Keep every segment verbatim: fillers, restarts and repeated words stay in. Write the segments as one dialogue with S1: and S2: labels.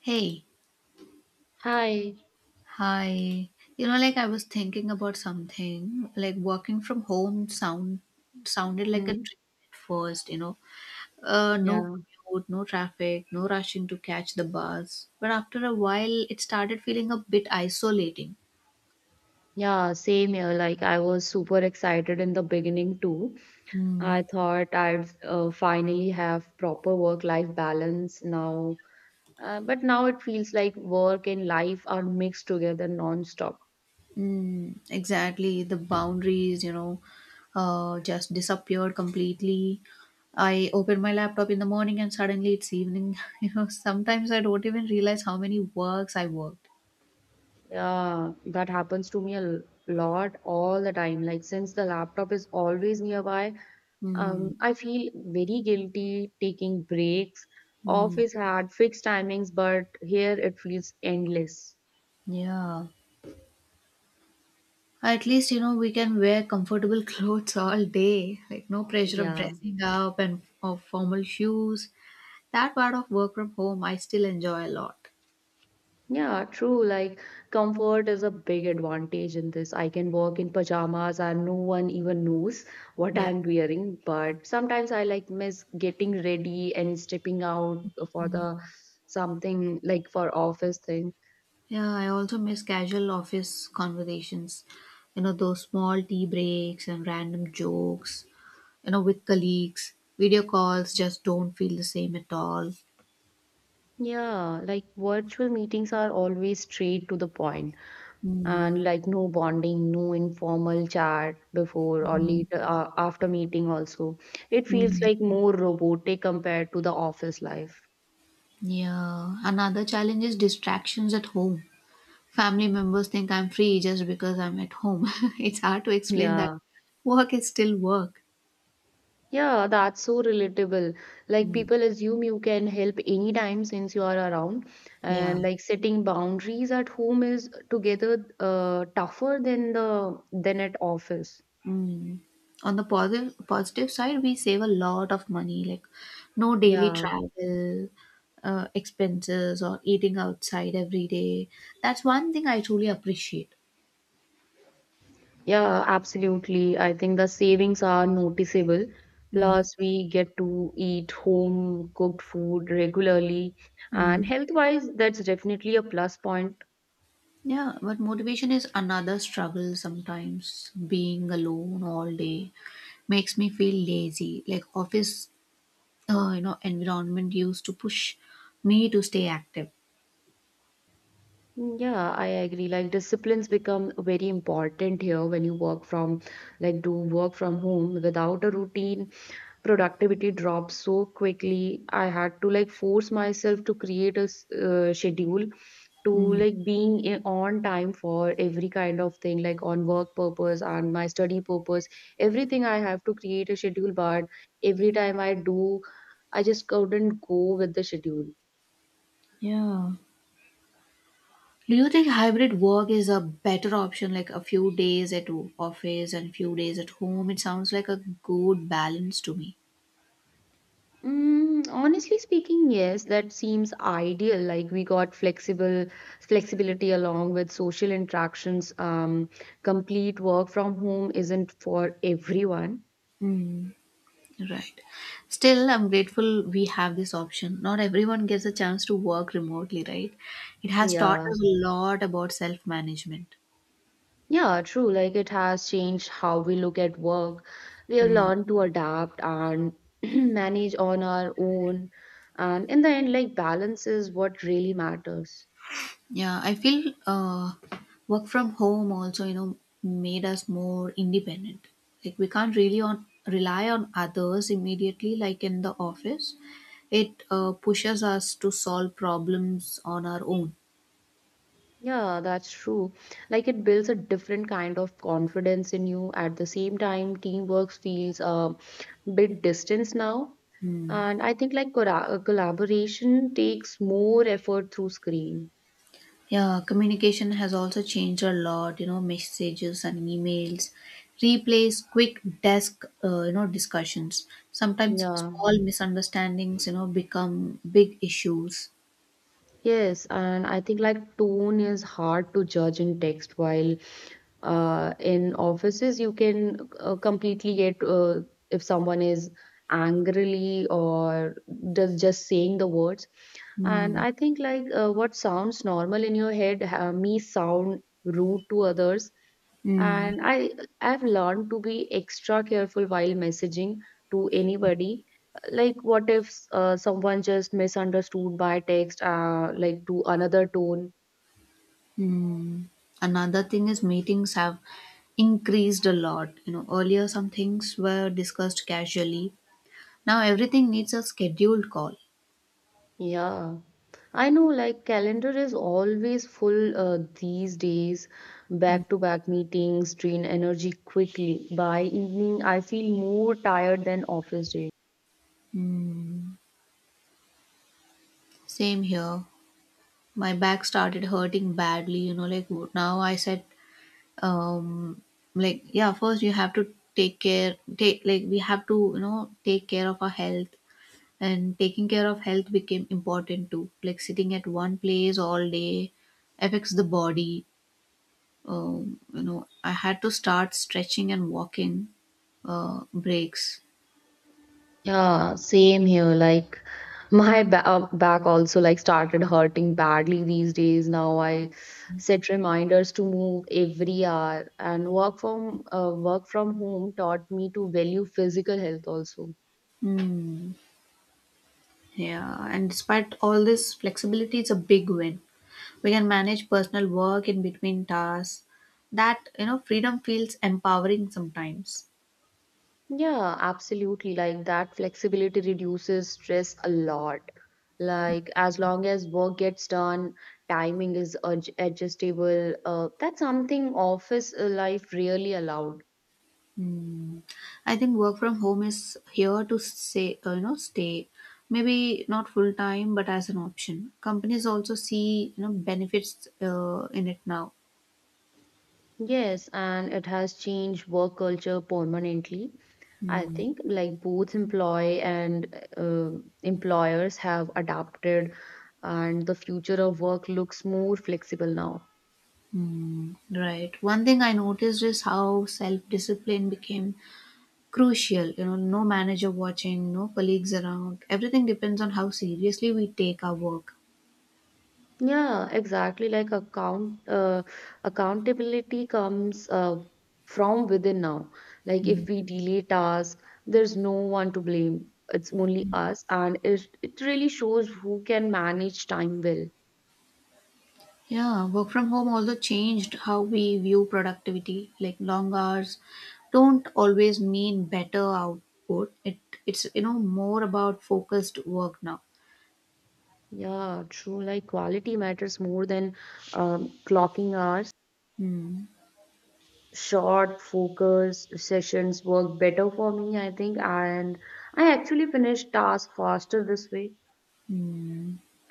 S1: Hey,
S2: Hi.
S1: hi. You know, like I was thinking about something. Like working from home sound sounded like a
S2: Mm,
S1: dream at first, you know. Uh, no
S2: yeah.
S1: commute, no traffic, no rushing to catch the bus. But after a while, it started feeling a bit isolating.
S2: Yeah, same here. Like I was super excited in the beginning too.
S1: Mm.
S2: I thought I'd uh, finally have proper work-life balance now. Uh, but now it feels like work and life are mixed together non-stop.
S1: Mm, exactly. The boundaries, you know, uh, just disappeared completely. I open my laptop in the morning and suddenly it's evening. You know, sometimes I don't even realize how many works I worked.
S2: Yeah, that happens to me a l- lot all the time. Like since the laptop is always nearby,
S1: Mm,
S2: um, I feel very guilty taking breaks.
S1: mm,
S2: Office had fixed timings, but here it feels endless.
S1: yeah. At least, you know, we can wear comfortable clothes all day. Like, no pressure of
S2: Yeah,
S1: dressing up and of formal shoes. That part of work from home, I still enjoy a lot.
S2: yeah, true. Like, comfort is a big advantage in this. I can walk in pajamas and no one even knows what
S1: Yeah.
S2: I'm wearing. But sometimes I like miss getting ready and stepping out for the something like for office thing.
S1: Yeah, I also miss casual office conversations. You know, those small tea breaks and random jokes, you know, with colleagues. Video calls just don't feel the same at all.
S2: Yeah, like virtual meetings are always straight to the point
S1: Mm.
S2: and like no bonding, no informal chat before or later uh, after meeting also. It feels
S1: Mm.
S2: like more robotic compared to the office life.
S1: Yeah. Another challenge is distractions at home. Family members think I'm free just because I'm at home. It's hard to explain that
S2: Yeah,
S1: work is still work.
S2: yeah, that's so relatable. Like
S1: Mm.
S2: people assume you can help anytime since you are around,
S1: Yeah.
S2: and like setting boundaries at home is together uh, tougher than the than at office.
S1: Mm. On the positive positive side, we save a lot of money, like no daily
S2: Yeah,
S1: travel uh, expenses or eating outside every day. That's one thing I truly appreciate.
S2: yeah, absolutely. I think the savings are noticeable.
S1: Mm.
S2: Plus, we get to eat home cooked food regularly, and
S1: Mm.
S2: health-wise, that's definitely a plus point.
S1: Yeah, but motivation is another struggle sometimes. Being alone all day makes me feel lazy. Like office uh, you know environment used to push me to stay active.
S2: Mm, yeah, I agree. Like disciplines become very important here when you work from, like, do work from home. Without a routine, productivity drops so quickly. I had to like force myself to create a s- uh, schedule to
S1: Mm.
S2: like being i- on time for every kind of thing, like on work purpose and my study purpose. Everything I have to create a schedule, but every time I do, I just couldn't go with the schedule.
S1: Yeah. Do you think hybrid work is a better option, like a few days at o- office and few days at home? It sounds like a good balance to me.
S2: Mm, honestly speaking, yes, that seems ideal. Like we got flexible flexibility along with social interactions. Um, complete work from home isn't for everyone.
S1: Mm. Right, still I'm grateful we have this option. Not everyone gets a chance to work remotely, right? It has taught
S2: Yeah.
S1: us a lot about self management.
S2: Yeah, true. Like it has changed how we look at work. We have learned to adapt and manage on our own. And in the end, like balance is what really matters.
S1: Yeah, I feel uh, work from home also, you know, made us more independent. Like we can't really on rely on others immediately, like in the office. It uh, pushes us to solve problems on our own.
S2: Yeah, that's true. Like it builds a different kind of confidence in you. At the same time, teamwork feels a bit distance now.
S1: Hmm.
S2: And I think like cora- uh, collaboration takes more effort through screen.
S1: Yeah, communication has also changed a lot. You know, messages and emails replace quick desk, uh, you know, discussions. Sometimes
S2: Yeah.
S1: small misunderstandings, you know, become big issues.
S2: Yes, and I think like tone is hard to judge in text, while uh, in offices you can uh, completely get uh, if someone is angrily or does just saying the words. And
S1: Hmm.
S2: I think like uh, what sounds normal in your head uh, may sound rude to others.
S1: Hmm.
S2: And I I've learned to be extra careful while messaging to anybody. Like what if uh, someone just misunderstood by text, uh, like to another tone?
S1: Hmm. Another thing is meetings have increased a lot. You know, earlier some things were discussed casually. Now everything needs a scheduled call.
S2: Yeah. I know like calendar is always full uh, these days. Back-to-back meetings drain energy quickly. By evening, I feel more tired than office days.
S1: Hmm. Same here. My back started hurting badly. You know, like now I said, um, like yeah, first you have to take care. Take, like, we have to you know take care of our health. And taking care of health became important too. Like sitting at one place all day affects the body. Um, you know, I had to start stretching and walking uh, breaks.
S2: Yeah, same here. Like my ba- uh, back also like started hurting badly these days. Now I set reminders to move every hour, and work from uh, work from home taught me to value physical health also.
S1: Hmm. Yeah, and despite all this flexibility, it's a big win. We can manage personal work in between tasks. That, you know, freedom feels empowering sometimes.
S2: Yeah, absolutely. Like that flexibility reduces stress a lot. Like as long as work gets done, timing is adj- adjustable. Uh, that's something office uh, life really allowed.
S1: Hmm. I think work from home is here to say uh, you know stay. Maybe not full time, but as an option. Companies also see you know benefits uh, in it now.
S2: Yes, and it has changed work culture permanently. I
S1: Hmm.
S2: think like both employee and uh, employers have adapted, and the future of work looks more flexible now.
S1: Mm, right. One thing I noticed is how self discipline became crucial. You know, no manager watching, no colleagues around. Everything depends on how seriously we take our work.
S2: Yeah, exactly. Like account uh, accountability comes uh, from within now. Like if
S1: Mm.
S2: we delay tasks, there's no one to blame. It's only us, and it it really shows who can manage time well.
S1: Yeah, work from home also changed how we view productivity. Like long hours don't always mean better output. It it's you know more about focused work now.
S2: Yeah, true. Like quality matters more than um, clocking hours.
S1: Mm,
S2: Short focused sessions work better for me, I think, and I actually finish tasks faster this way.
S1: mm.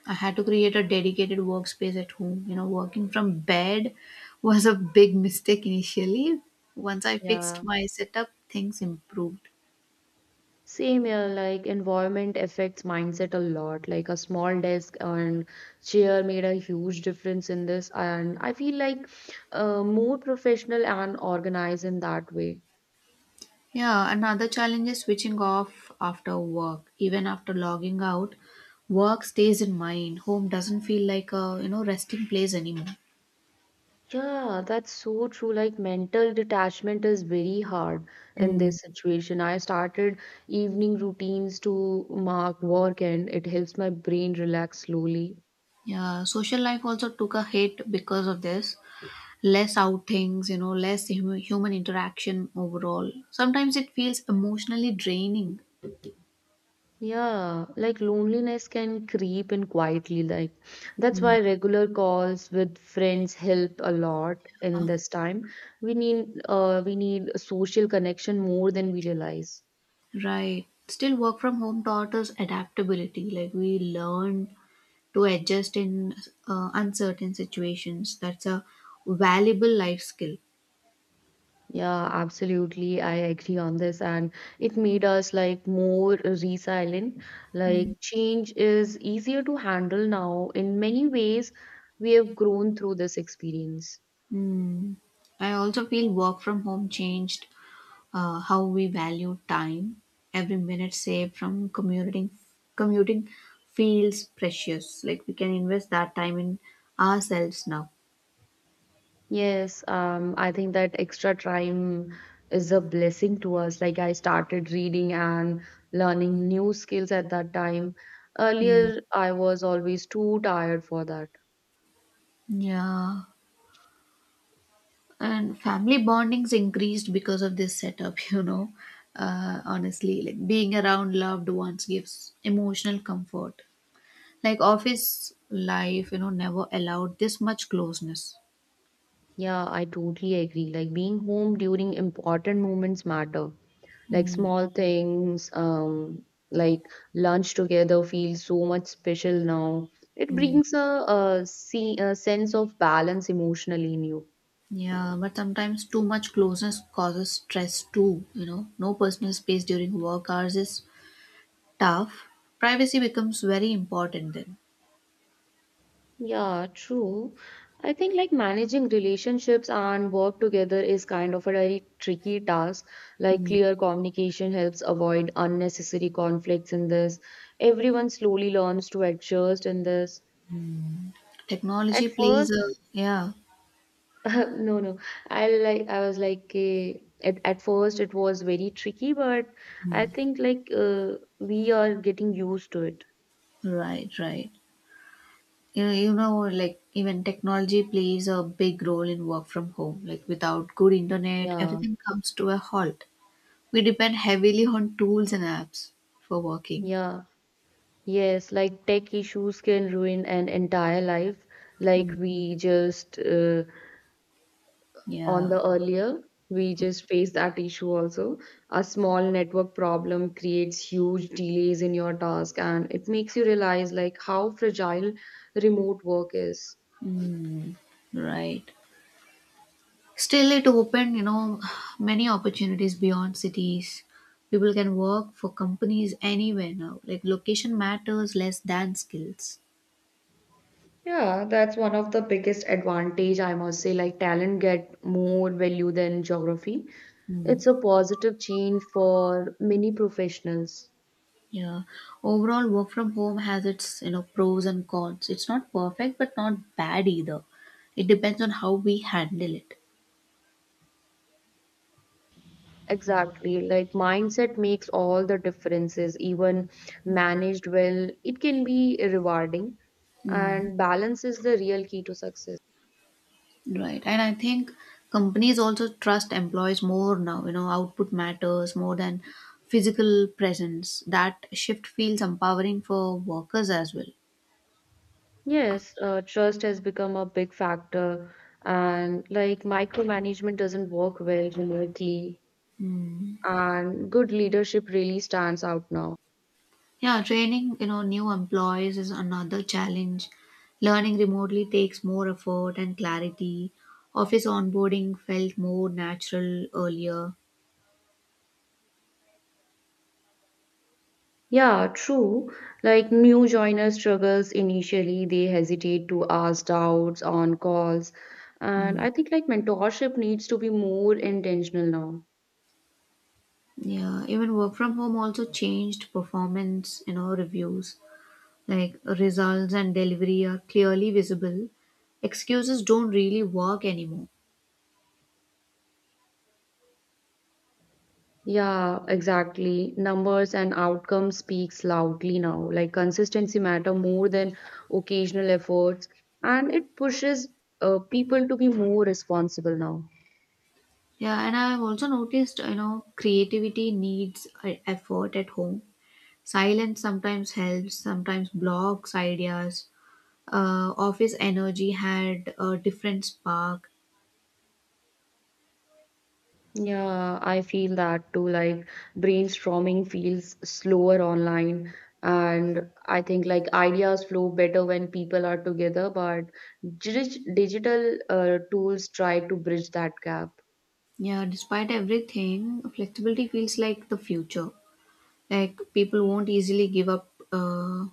S1: I had to create a dedicated workspace at home. You know, working from bed was a big mistake initially. Once I fixed
S2: Yeah,
S1: my setup, things improved.
S2: same here. Like environment affects mindset a lot. Like a small desk and chair made a huge difference in this, and I feel like uh, more professional and organized in that way.
S1: Yeah, another challenge is switching off after work. Even after logging out, work stays in mind. Home doesn't feel like a, you know, resting place anymore.
S2: Yeah, that's so true. Like mental detachment is very hard in
S1: Mm.
S2: this situation. I started evening routines to mark work and it helps my brain relax slowly.
S1: Yeah, social life also took a hit because of this. Less outings, you know, less hum- human interaction overall. Sometimes it feels emotionally draining.
S2: Yeah, like loneliness can creep in quietly. Like that's
S1: Mm,
S2: why regular calls with friends help a lot in this time. We need uh we need a social connection more than we realize.
S1: right. Still, work from home taught us adaptability. Like we learned to adjust in uh, uncertain situations. That's a valuable life skill.
S2: Yeah, absolutely. I agree on this. And it made us like more resilient.
S1: Mm.
S2: Like change is easier to handle now. In many ways, we have grown through this experience.
S1: Mm. I also feel work from home changed uh, how we value time. Every minute saved from commuting commuting feels precious. Like we can invest that time in ourselves now.
S2: Yes, um, I think that extra time is a blessing to us. Like I started reading and learning new skills at that time.
S1: Mm.
S2: Earlier, I was always too tired for that.
S1: Yeah. And family bondings increased because of this setup, you know. Uh, honestly, like being around loved ones gives emotional comfort. Like office life, you know, never allowed this much closeness.
S2: Yeah, I totally agree. Like being home during important moments matter like
S1: Mm-hmm.
S2: small things um like lunch together feels so much special now. It brings a, a, se- a sense of balance emotionally in you.
S1: Yeah, but sometimes too much closeness causes stress too, you know. No personal space during work hours is tough. Privacy becomes very important then.
S2: Yeah, true. I think like managing relationships and work together is kind of a very tricky task. Like
S1: Mm.
S2: clear communication helps avoid unnecessary conflicts in this. Everyone slowly learns to adjust in this at
S1: Technology plays
S2: first.
S1: a, yeah,
S2: No, no. I like I was like eh, at at first it was very tricky, but I think like uh, we are getting used to it.
S1: right, right. Yeah, you know, like even technology plays a big role in work from home. Like without good internet,
S2: Yeah,
S1: everything comes to a halt. We depend heavily on tools and apps for working.
S2: yeah, yes. Like tech issues can ruin an entire life. Like
S1: Mm,
S2: we just uh, on
S1: yeah,
S2: the earlier, we just faced that issue also. A small network problem creates huge delays in your task, and it makes you realize like how fragile remote work is.
S1: mm, right. Still, it opened, you know, many opportunities beyond cities. People can work for companies anywhere now. Like location matters less than skills.
S2: Yeah, that's one of the biggest advantage I must say. Like talent get more value than geography. It's a positive change for many professionals.
S1: Yeah. Overall, work from home has its you know pros and cons. It's not perfect, but not bad either. It depends on how we handle it.
S2: Exactly. Like mindset makes all the differences. Even managed well, it can be rewarding.
S1: Mm,
S2: And balance is the real key to success.
S1: right. And I think companies also trust employees more now. You know, output matters more than physical presence. That shift feels empowering for workers as well.
S2: Yes, uh, trust has become a big factor, and like micromanagement doesn't work well remotely, and good leadership really stands out now.
S1: Yeah, training, you know, new employees is another challenge. Learning remotely takes more effort and clarity. Office onboarding felt more natural earlier.
S2: Yeah, true. Like new joiner struggles initially, they hesitate to ask doubts on calls. And
S1: Mm.
S2: I think like mentorship needs to be more intentional now.
S1: Yeah, even work from home also changed performance, you know, reviews. Like results and delivery are clearly visible. Excuses don't really work anymore.
S2: Yeah, exactly. Numbers and outcomes speaks loudly now. Like consistency matter more than occasional efforts, and it pushes uh, people to be more responsible now.
S1: Yeah, and I've also noticed, you know, creativity needs uh, effort at home. Silence sometimes helps, sometimes blocks ideas. Uh, office energy had a different spark.
S2: Yeah, I feel that too. Like brainstorming feels slower online, and I think like ideas flow better when people are together, but dig- digital uh, tools try to bridge that gap.
S1: Yeah, despite everything, flexibility feels like the future. Like people won't easily give up, uh,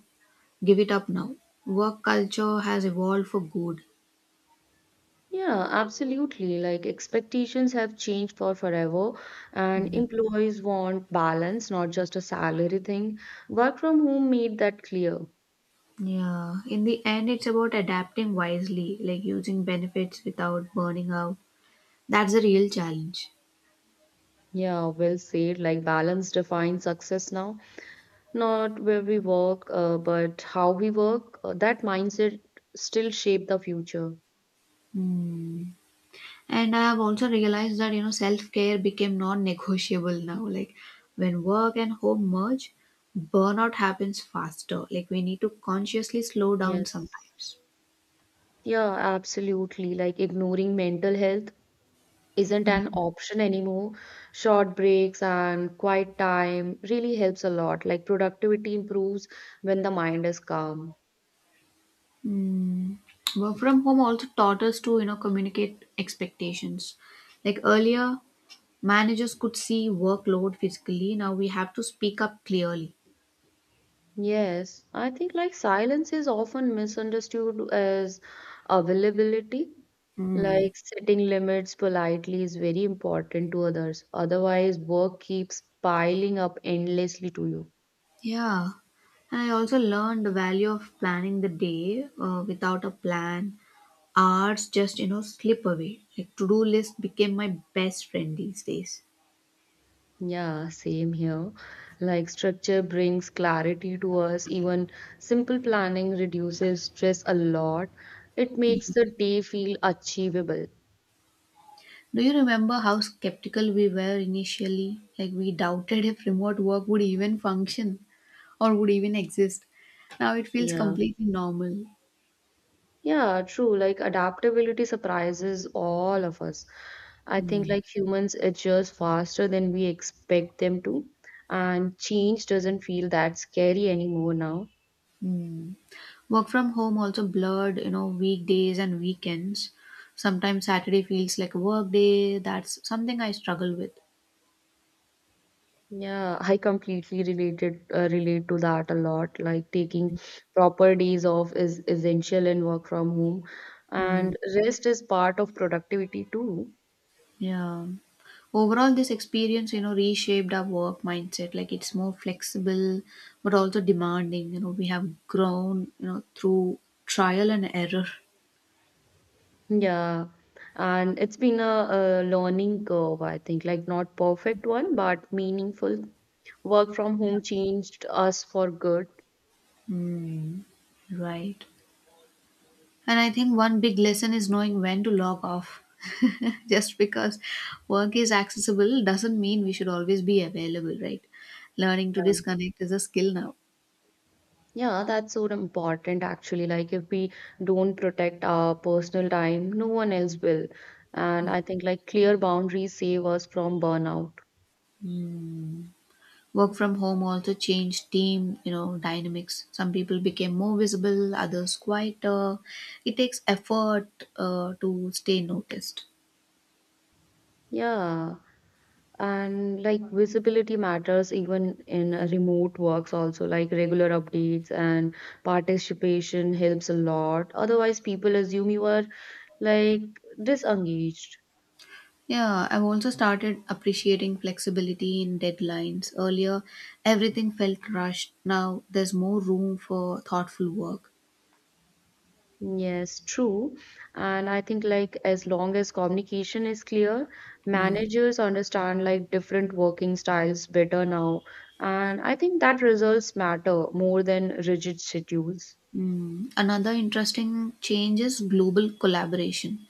S1: give it up now. Work culture has evolved for good.
S2: Yeah, absolutely. Like expectations have changed for forever, and employees want balance, not just a salary thing. Work from home made that clear.
S1: Yeah, in the end, it's about adapting wisely, like using benefits without burning out. That's the real challenge.
S2: Yeah, well said. Like balance defines success now. Not where we work, uh, but how we work, uh, that mindset still shape the future.
S1: Hmm. And I have also realized that, you know, self care became non negotiable now. Like when work and home merge, burnout happens faster. Like we need to consciously slow down
S2: Yes.
S1: sometimes.
S2: Yeah, absolutely. Like ignoring mental health isn't an option anymore. Short breaks and quiet time really helps a lot. Like productivity improves when the mind is calm.
S1: Mm. Work from home also taught us to, you know, communicate expectations. Like earlier, managers could see workload physically. Now we have to speak up clearly.
S2: Yes, I think like silence is often misunderstood as availability.
S1: Mm.
S2: Like setting limits politely is very important to others. Otherwise, work keeps piling up endlessly to you.
S1: Yeah. And I also learned the value of planning the day. Uh, without a plan, hours just you know slip away. Like to-do list became my best friend these days.
S2: Yeah, same here. Like structure brings clarity to us. Even simple planning reduces stress a lot. It makes the day feel achievable.
S1: Do you remember how skeptical we were initially? Like we doubted if remote work would even function or would even exist. Now it feels
S2: Yeah.
S1: completely normal.
S2: Yeah, true. Like adaptability surprises all of us. I think
S1: Mm,
S2: like humans adjust faster than we expect them to, and change doesn't feel that scary anymore now.
S1: mm. Work from home also blurred you know weekdays and weekends. Sometimes Saturday feels like a work day. That's something I struggle with.
S2: Yeah, I completely related uh, relate to that a lot. Like taking proper days off is essential in work from home,
S1: Mm.
S2: and rest is part of productivity too.
S1: Yeah. Overall, this experience, you know, reshaped our work mindset. Like it's more flexible, but also demanding. You know, we have grown, you know, through trial and error.
S2: Yeah, and it's been a, a learning curve, I think, like not perfect one, but meaningful. Work from home changed us for good.
S1: Mm, right. And I think one big lesson is knowing when to log off. Just because work is accessible doesn't mean we should always be available, right? Learning to
S2: Yeah.
S1: disconnect is a skill now.
S2: Yeah, that's so important actually. Like if we don't protect our personal time, no one else will. And I think like clear boundaries save us from burnout.
S1: Mm. Work from home also changed team, you know, dynamics. Some people became more visible, others quieter. It takes effort uh, to stay noticed.
S2: Yeah. And like visibility matters even in uh, remote works also like regular updates and participation helps a lot. Otherwise people assume you are like disengaged.
S1: Yeah, I've also started appreciating flexibility in deadlines. Earlier, everything felt rushed. Now, there's more room for thoughtful work.
S2: Yes, true. And I think like as long as communication is clear, managers understand like different working styles better now. And I think that results matter more than rigid schedules.
S1: Mm. Another interesting change is global collaboration.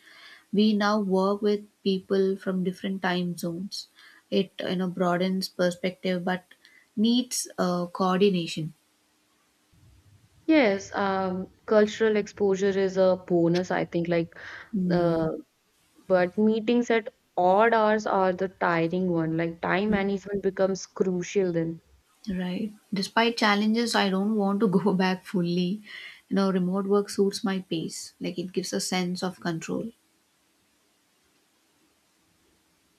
S1: We now work with people from different time zones. It you know broadens perspective, but needs uh, coordination.
S2: Yes, um, cultural exposure is a bonus, I think, like
S1: Hmm.
S2: Uh, but meetings at odd hours are the tiring one. Like time management becomes crucial then.
S1: Right. Despite challenges, I don't want to go back fully. You know, remote work suits my pace. Like it gives a sense of control.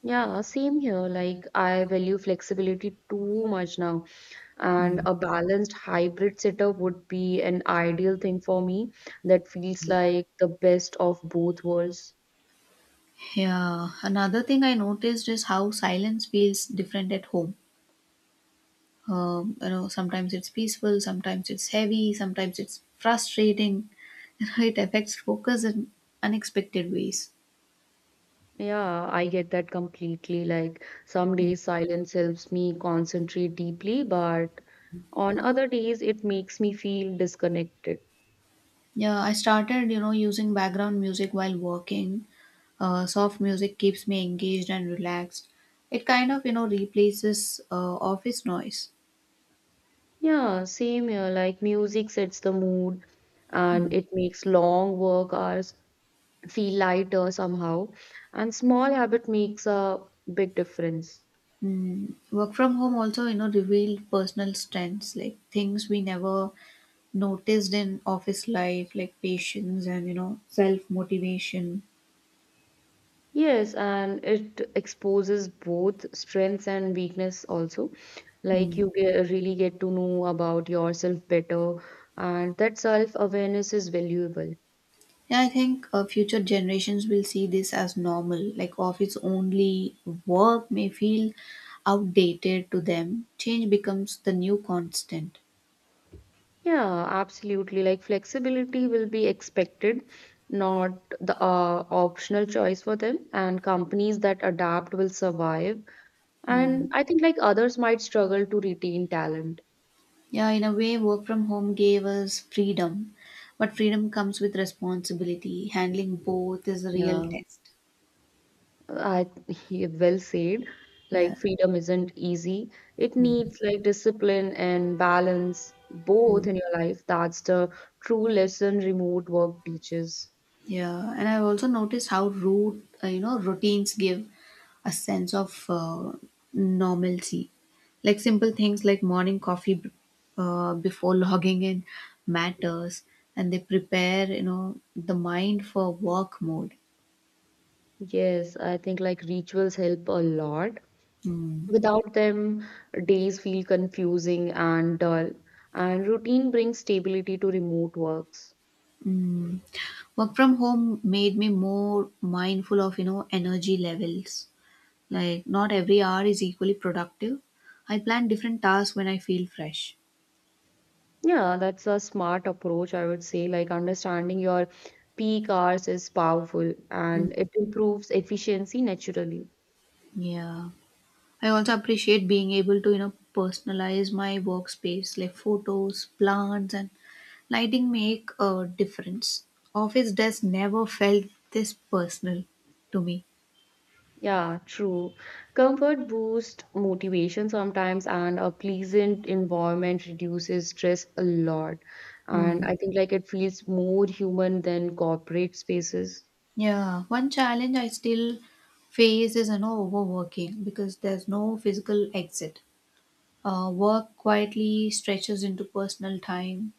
S2: Yeah, same here. Like I value flexibility too much now, and
S1: Hmm.
S2: a balanced hybrid setup would be an ideal thing for me that feels like the best of both worlds.
S1: Yeah. Another thing I noticed is how silence feels different at home. Um, you know, sometimes it's peaceful, sometimes it's heavy, sometimes it's frustrating. You know, it affects focus in unexpected ways.
S2: Yeah, I get that completely. Like some days silence helps me concentrate deeply, but on other days it makes me feel disconnected.
S1: Yeah, I started, you know, using background music while working. Uh, soft music keeps me engaged and relaxed. It kind of, you know, replaces uh, office noise.
S2: Yeah, same here. Like music sets the mood and it makes long work hours feel lighter somehow. And small habit makes a big difference.
S1: Mm. Work from home also, you know, revealed personal strengths, like things we never noticed in office life, like patience and, you know, self motivation.
S2: Yes, and it exposes both strengths and weakness also. Like
S1: Mm.
S2: you get, really get to know about yourself better, and that self-awareness is valuable.
S1: Yeah, I think uh, future generations will see this as normal. Like office only work may feel outdated to them. Change becomes the new constant.
S2: Yeah, absolutely. Like flexibility will be expected, not the uh, optional choice for them. And companies that adapt will survive.
S1: Hmm.
S2: And I think like others might struggle to retain talent.
S1: Yeah, in a way, work from home gave us freedom, but freedom comes with responsibility. Handling both is a real
S2: Yeah,
S1: test.
S2: I yeah, well said.
S1: Yeah.
S2: Like freedom isn't easy. It needs like discipline and balance both in your life. That's the true lesson remote work teaches.
S1: Yeah, and I've also noticed how rude, uh, you know, routines give a sense of uh, normalcy. Like simple things like morning coffee b- uh, before logging in matters, and they prepare, you know, the mind for work mode.
S2: Yes, I think like rituals help a lot.
S1: Mm.
S2: Without them, days feel confusing and dull, and routine brings stability to remote works.
S1: Mm. Work from home made me more mindful of, you know, energy levels. Like, not every hour is equally productive. I plan different tasks when I feel fresh.
S2: Yeah, that's a smart approach, I would say. Like understanding your peak hours is powerful
S1: Mm.
S2: and it improves efficiency naturally.
S1: Yeah. I also appreciate being able to, you know, personalize my workspace, like photos, plants, and lighting make a difference. Office desk never felt this personal to me.
S2: Yeah, true. Comfort boosts motivation sometimes, and a pleasant environment reduces stress a lot.
S1: Hmm.
S2: And I think like it feels more human than corporate spaces.
S1: Yeah, one challenge I still face is, you know, overworking because there's no physical exit. Uh, work quietly stretches into personal time.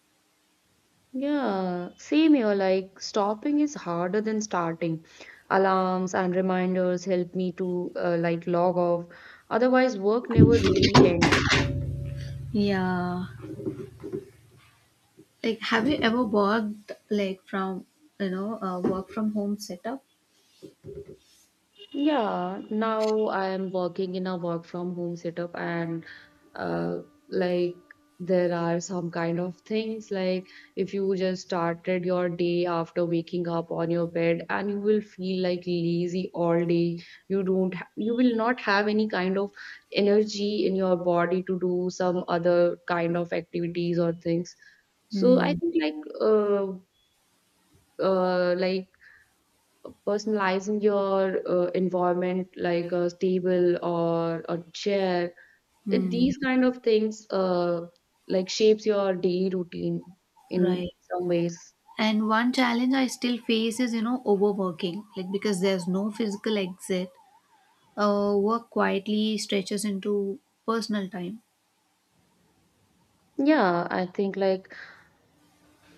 S2: Yeah, same here. Like stopping is harder than starting. Alarms and reminders help me to uh, like log off. Otherwise, work never really ends.
S1: Yeah, like have you ever worked like from you know uh, work from home setup?
S2: Yeah, now I am working in a work from home setup, and uh, like there are some kind of things like if you just started your day after waking up on your bed and you will feel like lazy all day. You don't ha You will not have any kind of energy in your body to do some other kind of activities or things. So
S1: Hmm.
S2: I think like uh, uh like personalizing your uh, environment like a table or a chair it,
S1: Hmm.
S2: these kind of things uh, like shapes your daily routine in
S1: Right.
S2: some ways.
S1: And one challenge I still face is, you know, overworking. Like because there's no physical exit, uh, work quietly stretches into personal time.
S2: Yeah, I think like,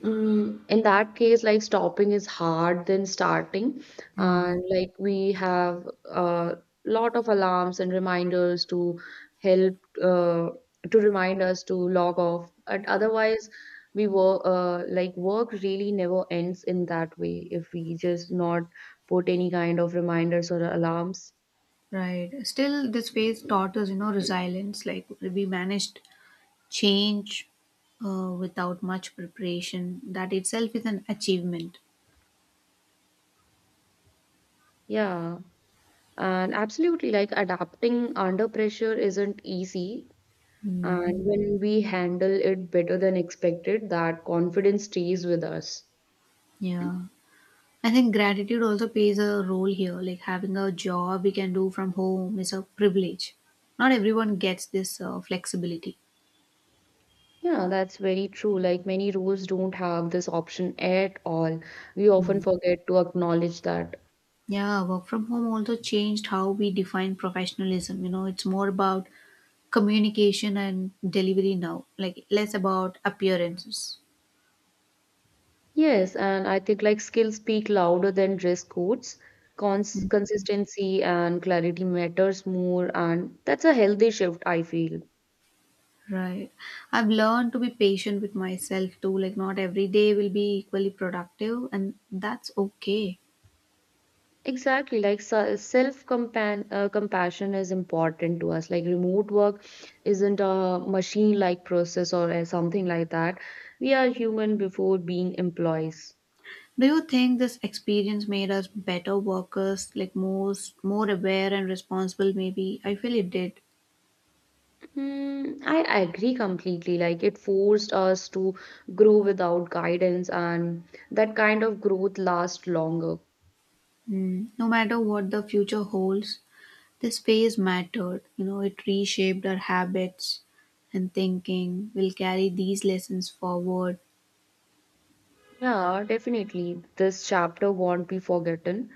S2: mm, in that case, like stopping is hard than starting,
S1: Hmm.
S2: and like we have a lot of alarms and reminders to help uh, to remind us to log off. And otherwise, we work uh, like work really never ends in that way if we just not put any kind of reminders or alarms.
S1: Right. Still, this phase taught us, you know, resilience. Like we managed change uh, without much preparation. That itself is an achievement.
S2: Yeah, and absolutely, like adapting under pressure isn't easy. And
S1: Hmm.
S2: when we handle it better than expected, that confidence stays with us.
S1: Yeah. I think gratitude also plays a role here. Like having a job we can do from home is a privilege. Not everyone gets this uh, flexibility.
S2: Yeah, that's very true. Like many roles don't have this option at all. We often
S1: Mm.
S2: forget to acknowledge that.
S1: Yeah, work from home also changed how we define professionalism. You know, it's more about communication and delivery now, like less about appearances.
S2: Yes, and I think like skills speak louder than dress codes. Cons consistency and clarity matters more, and that's a healthy shift, I feel.
S1: Right. I've learned to be patient with myself too. Like, not every day will be equally productive, and that's okay.
S2: Exactly, like self uh, compassion is important to us. Like remote work isn't a machine-like process or uh, something like that. We are human before being employees.
S1: Do you think this experience made us better workers, like most more aware and responsible maybe? I feel it did.
S2: Hmm, I I agree completely. Like it forced us to grow without guidance, and that kind of growth lasts longer.
S1: Mm. No matter what the future holds, this phase mattered. You know, it reshaped our habits and thinking. We'll carry these lessons forward.
S2: Yeah, definitely. This chapter won't be forgotten.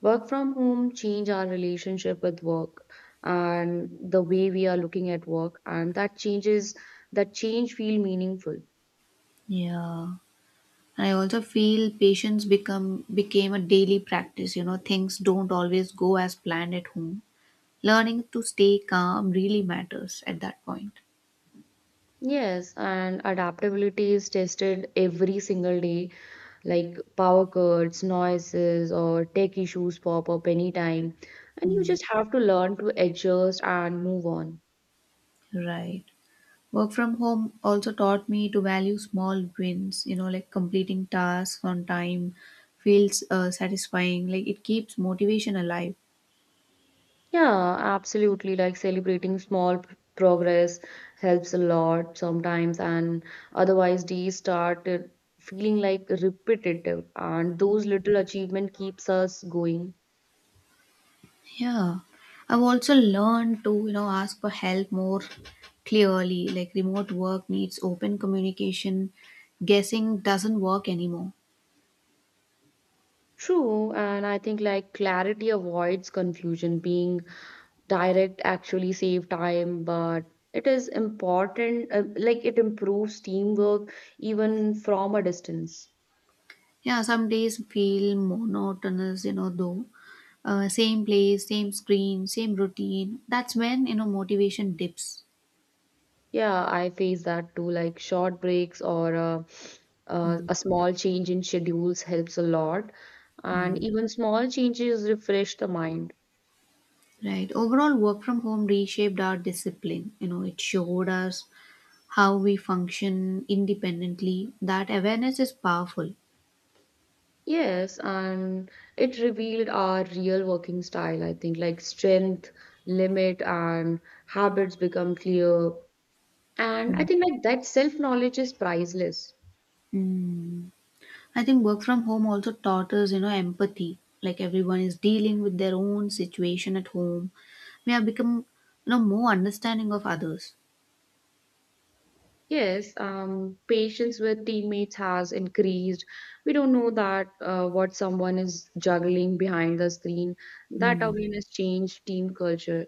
S2: Work from home change our relationship with work and the way we are looking at work, and that changes that change feel meaningful.
S1: Yeah. I also feel patience become became a daily practice. You know, things don't always go as planned at home. Learning to stay calm really matters at that point.
S2: Yes, and adaptability is tested every single day, like power cuts, noises, or tech issues pop up anytime, and you
S1: Mm.
S2: just have to learn to adjust and move on.
S1: Right. Work from home also taught me to value small wins, you know, like completing tasks on time feels uh, satisfying. Like it keeps motivation alive.
S2: Yeah, absolutely. Like celebrating small p- progress helps a lot sometimes, and otherwise days start uh, feeling like repetitive, and those little achievement keeps us going.
S1: Yeah. I've also learned to, you know, ask for help more clearly. Like remote work needs open communication. Guessing doesn't work anymore.
S2: True, and I think like clarity avoids confusion. Being direct actually save time, but it is important, uh, like it improves teamwork even from a distance.
S1: Yeah, some days feel monotonous, you know, though. Uh, same place, same screen, same routine. That's when, you know, motivation dips.
S2: Yeah, I face that too. Like short breaks or uh, uh,
S1: Mm.
S2: a small change in schedules helps a lot. And
S1: Mm.
S2: even small changes refresh the mind.
S1: Right. Overall, work from home reshaped our discipline. You know, it showed us how we function independently. That awareness is powerful.
S2: Yes, and it revealed our real working style, I think, like strength, limit, and habits become clear. And I
S1: Mm.
S2: think like that self-knowledge is priceless.
S1: Mm. I think work from home also taught us, you know, empathy. Like everyone is dealing with their own situation at home. We have become, you know, more understanding of others.
S2: Yes, um, patience with teammates has increased. We don't know that uh, what someone is juggling behind the screen. That
S1: Mm.
S2: awareness changed team culture.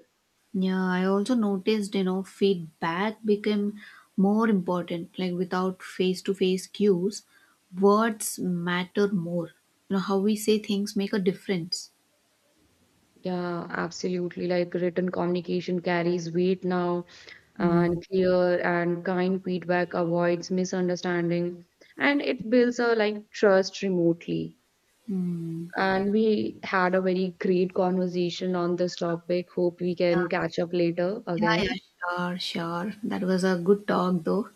S1: Yeah, I also noticed, you know, feedback became more important. Like without face to face cues, words matter more. You know, how we say things make a difference.
S2: Yeah, absolutely. Like written communication carries weight now,
S1: Hmm.
S2: and clear and kind feedback avoids misunderstanding, and it builds a like trust remotely.
S1: Hmm.
S2: And we had a very great conversation on this topic. Hope we can catch up later
S1: Yeah,
S2: again.
S1: yeah, sure, sure. That was a good talk, though.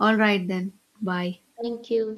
S1: All right, then. Bye.
S2: Thank you.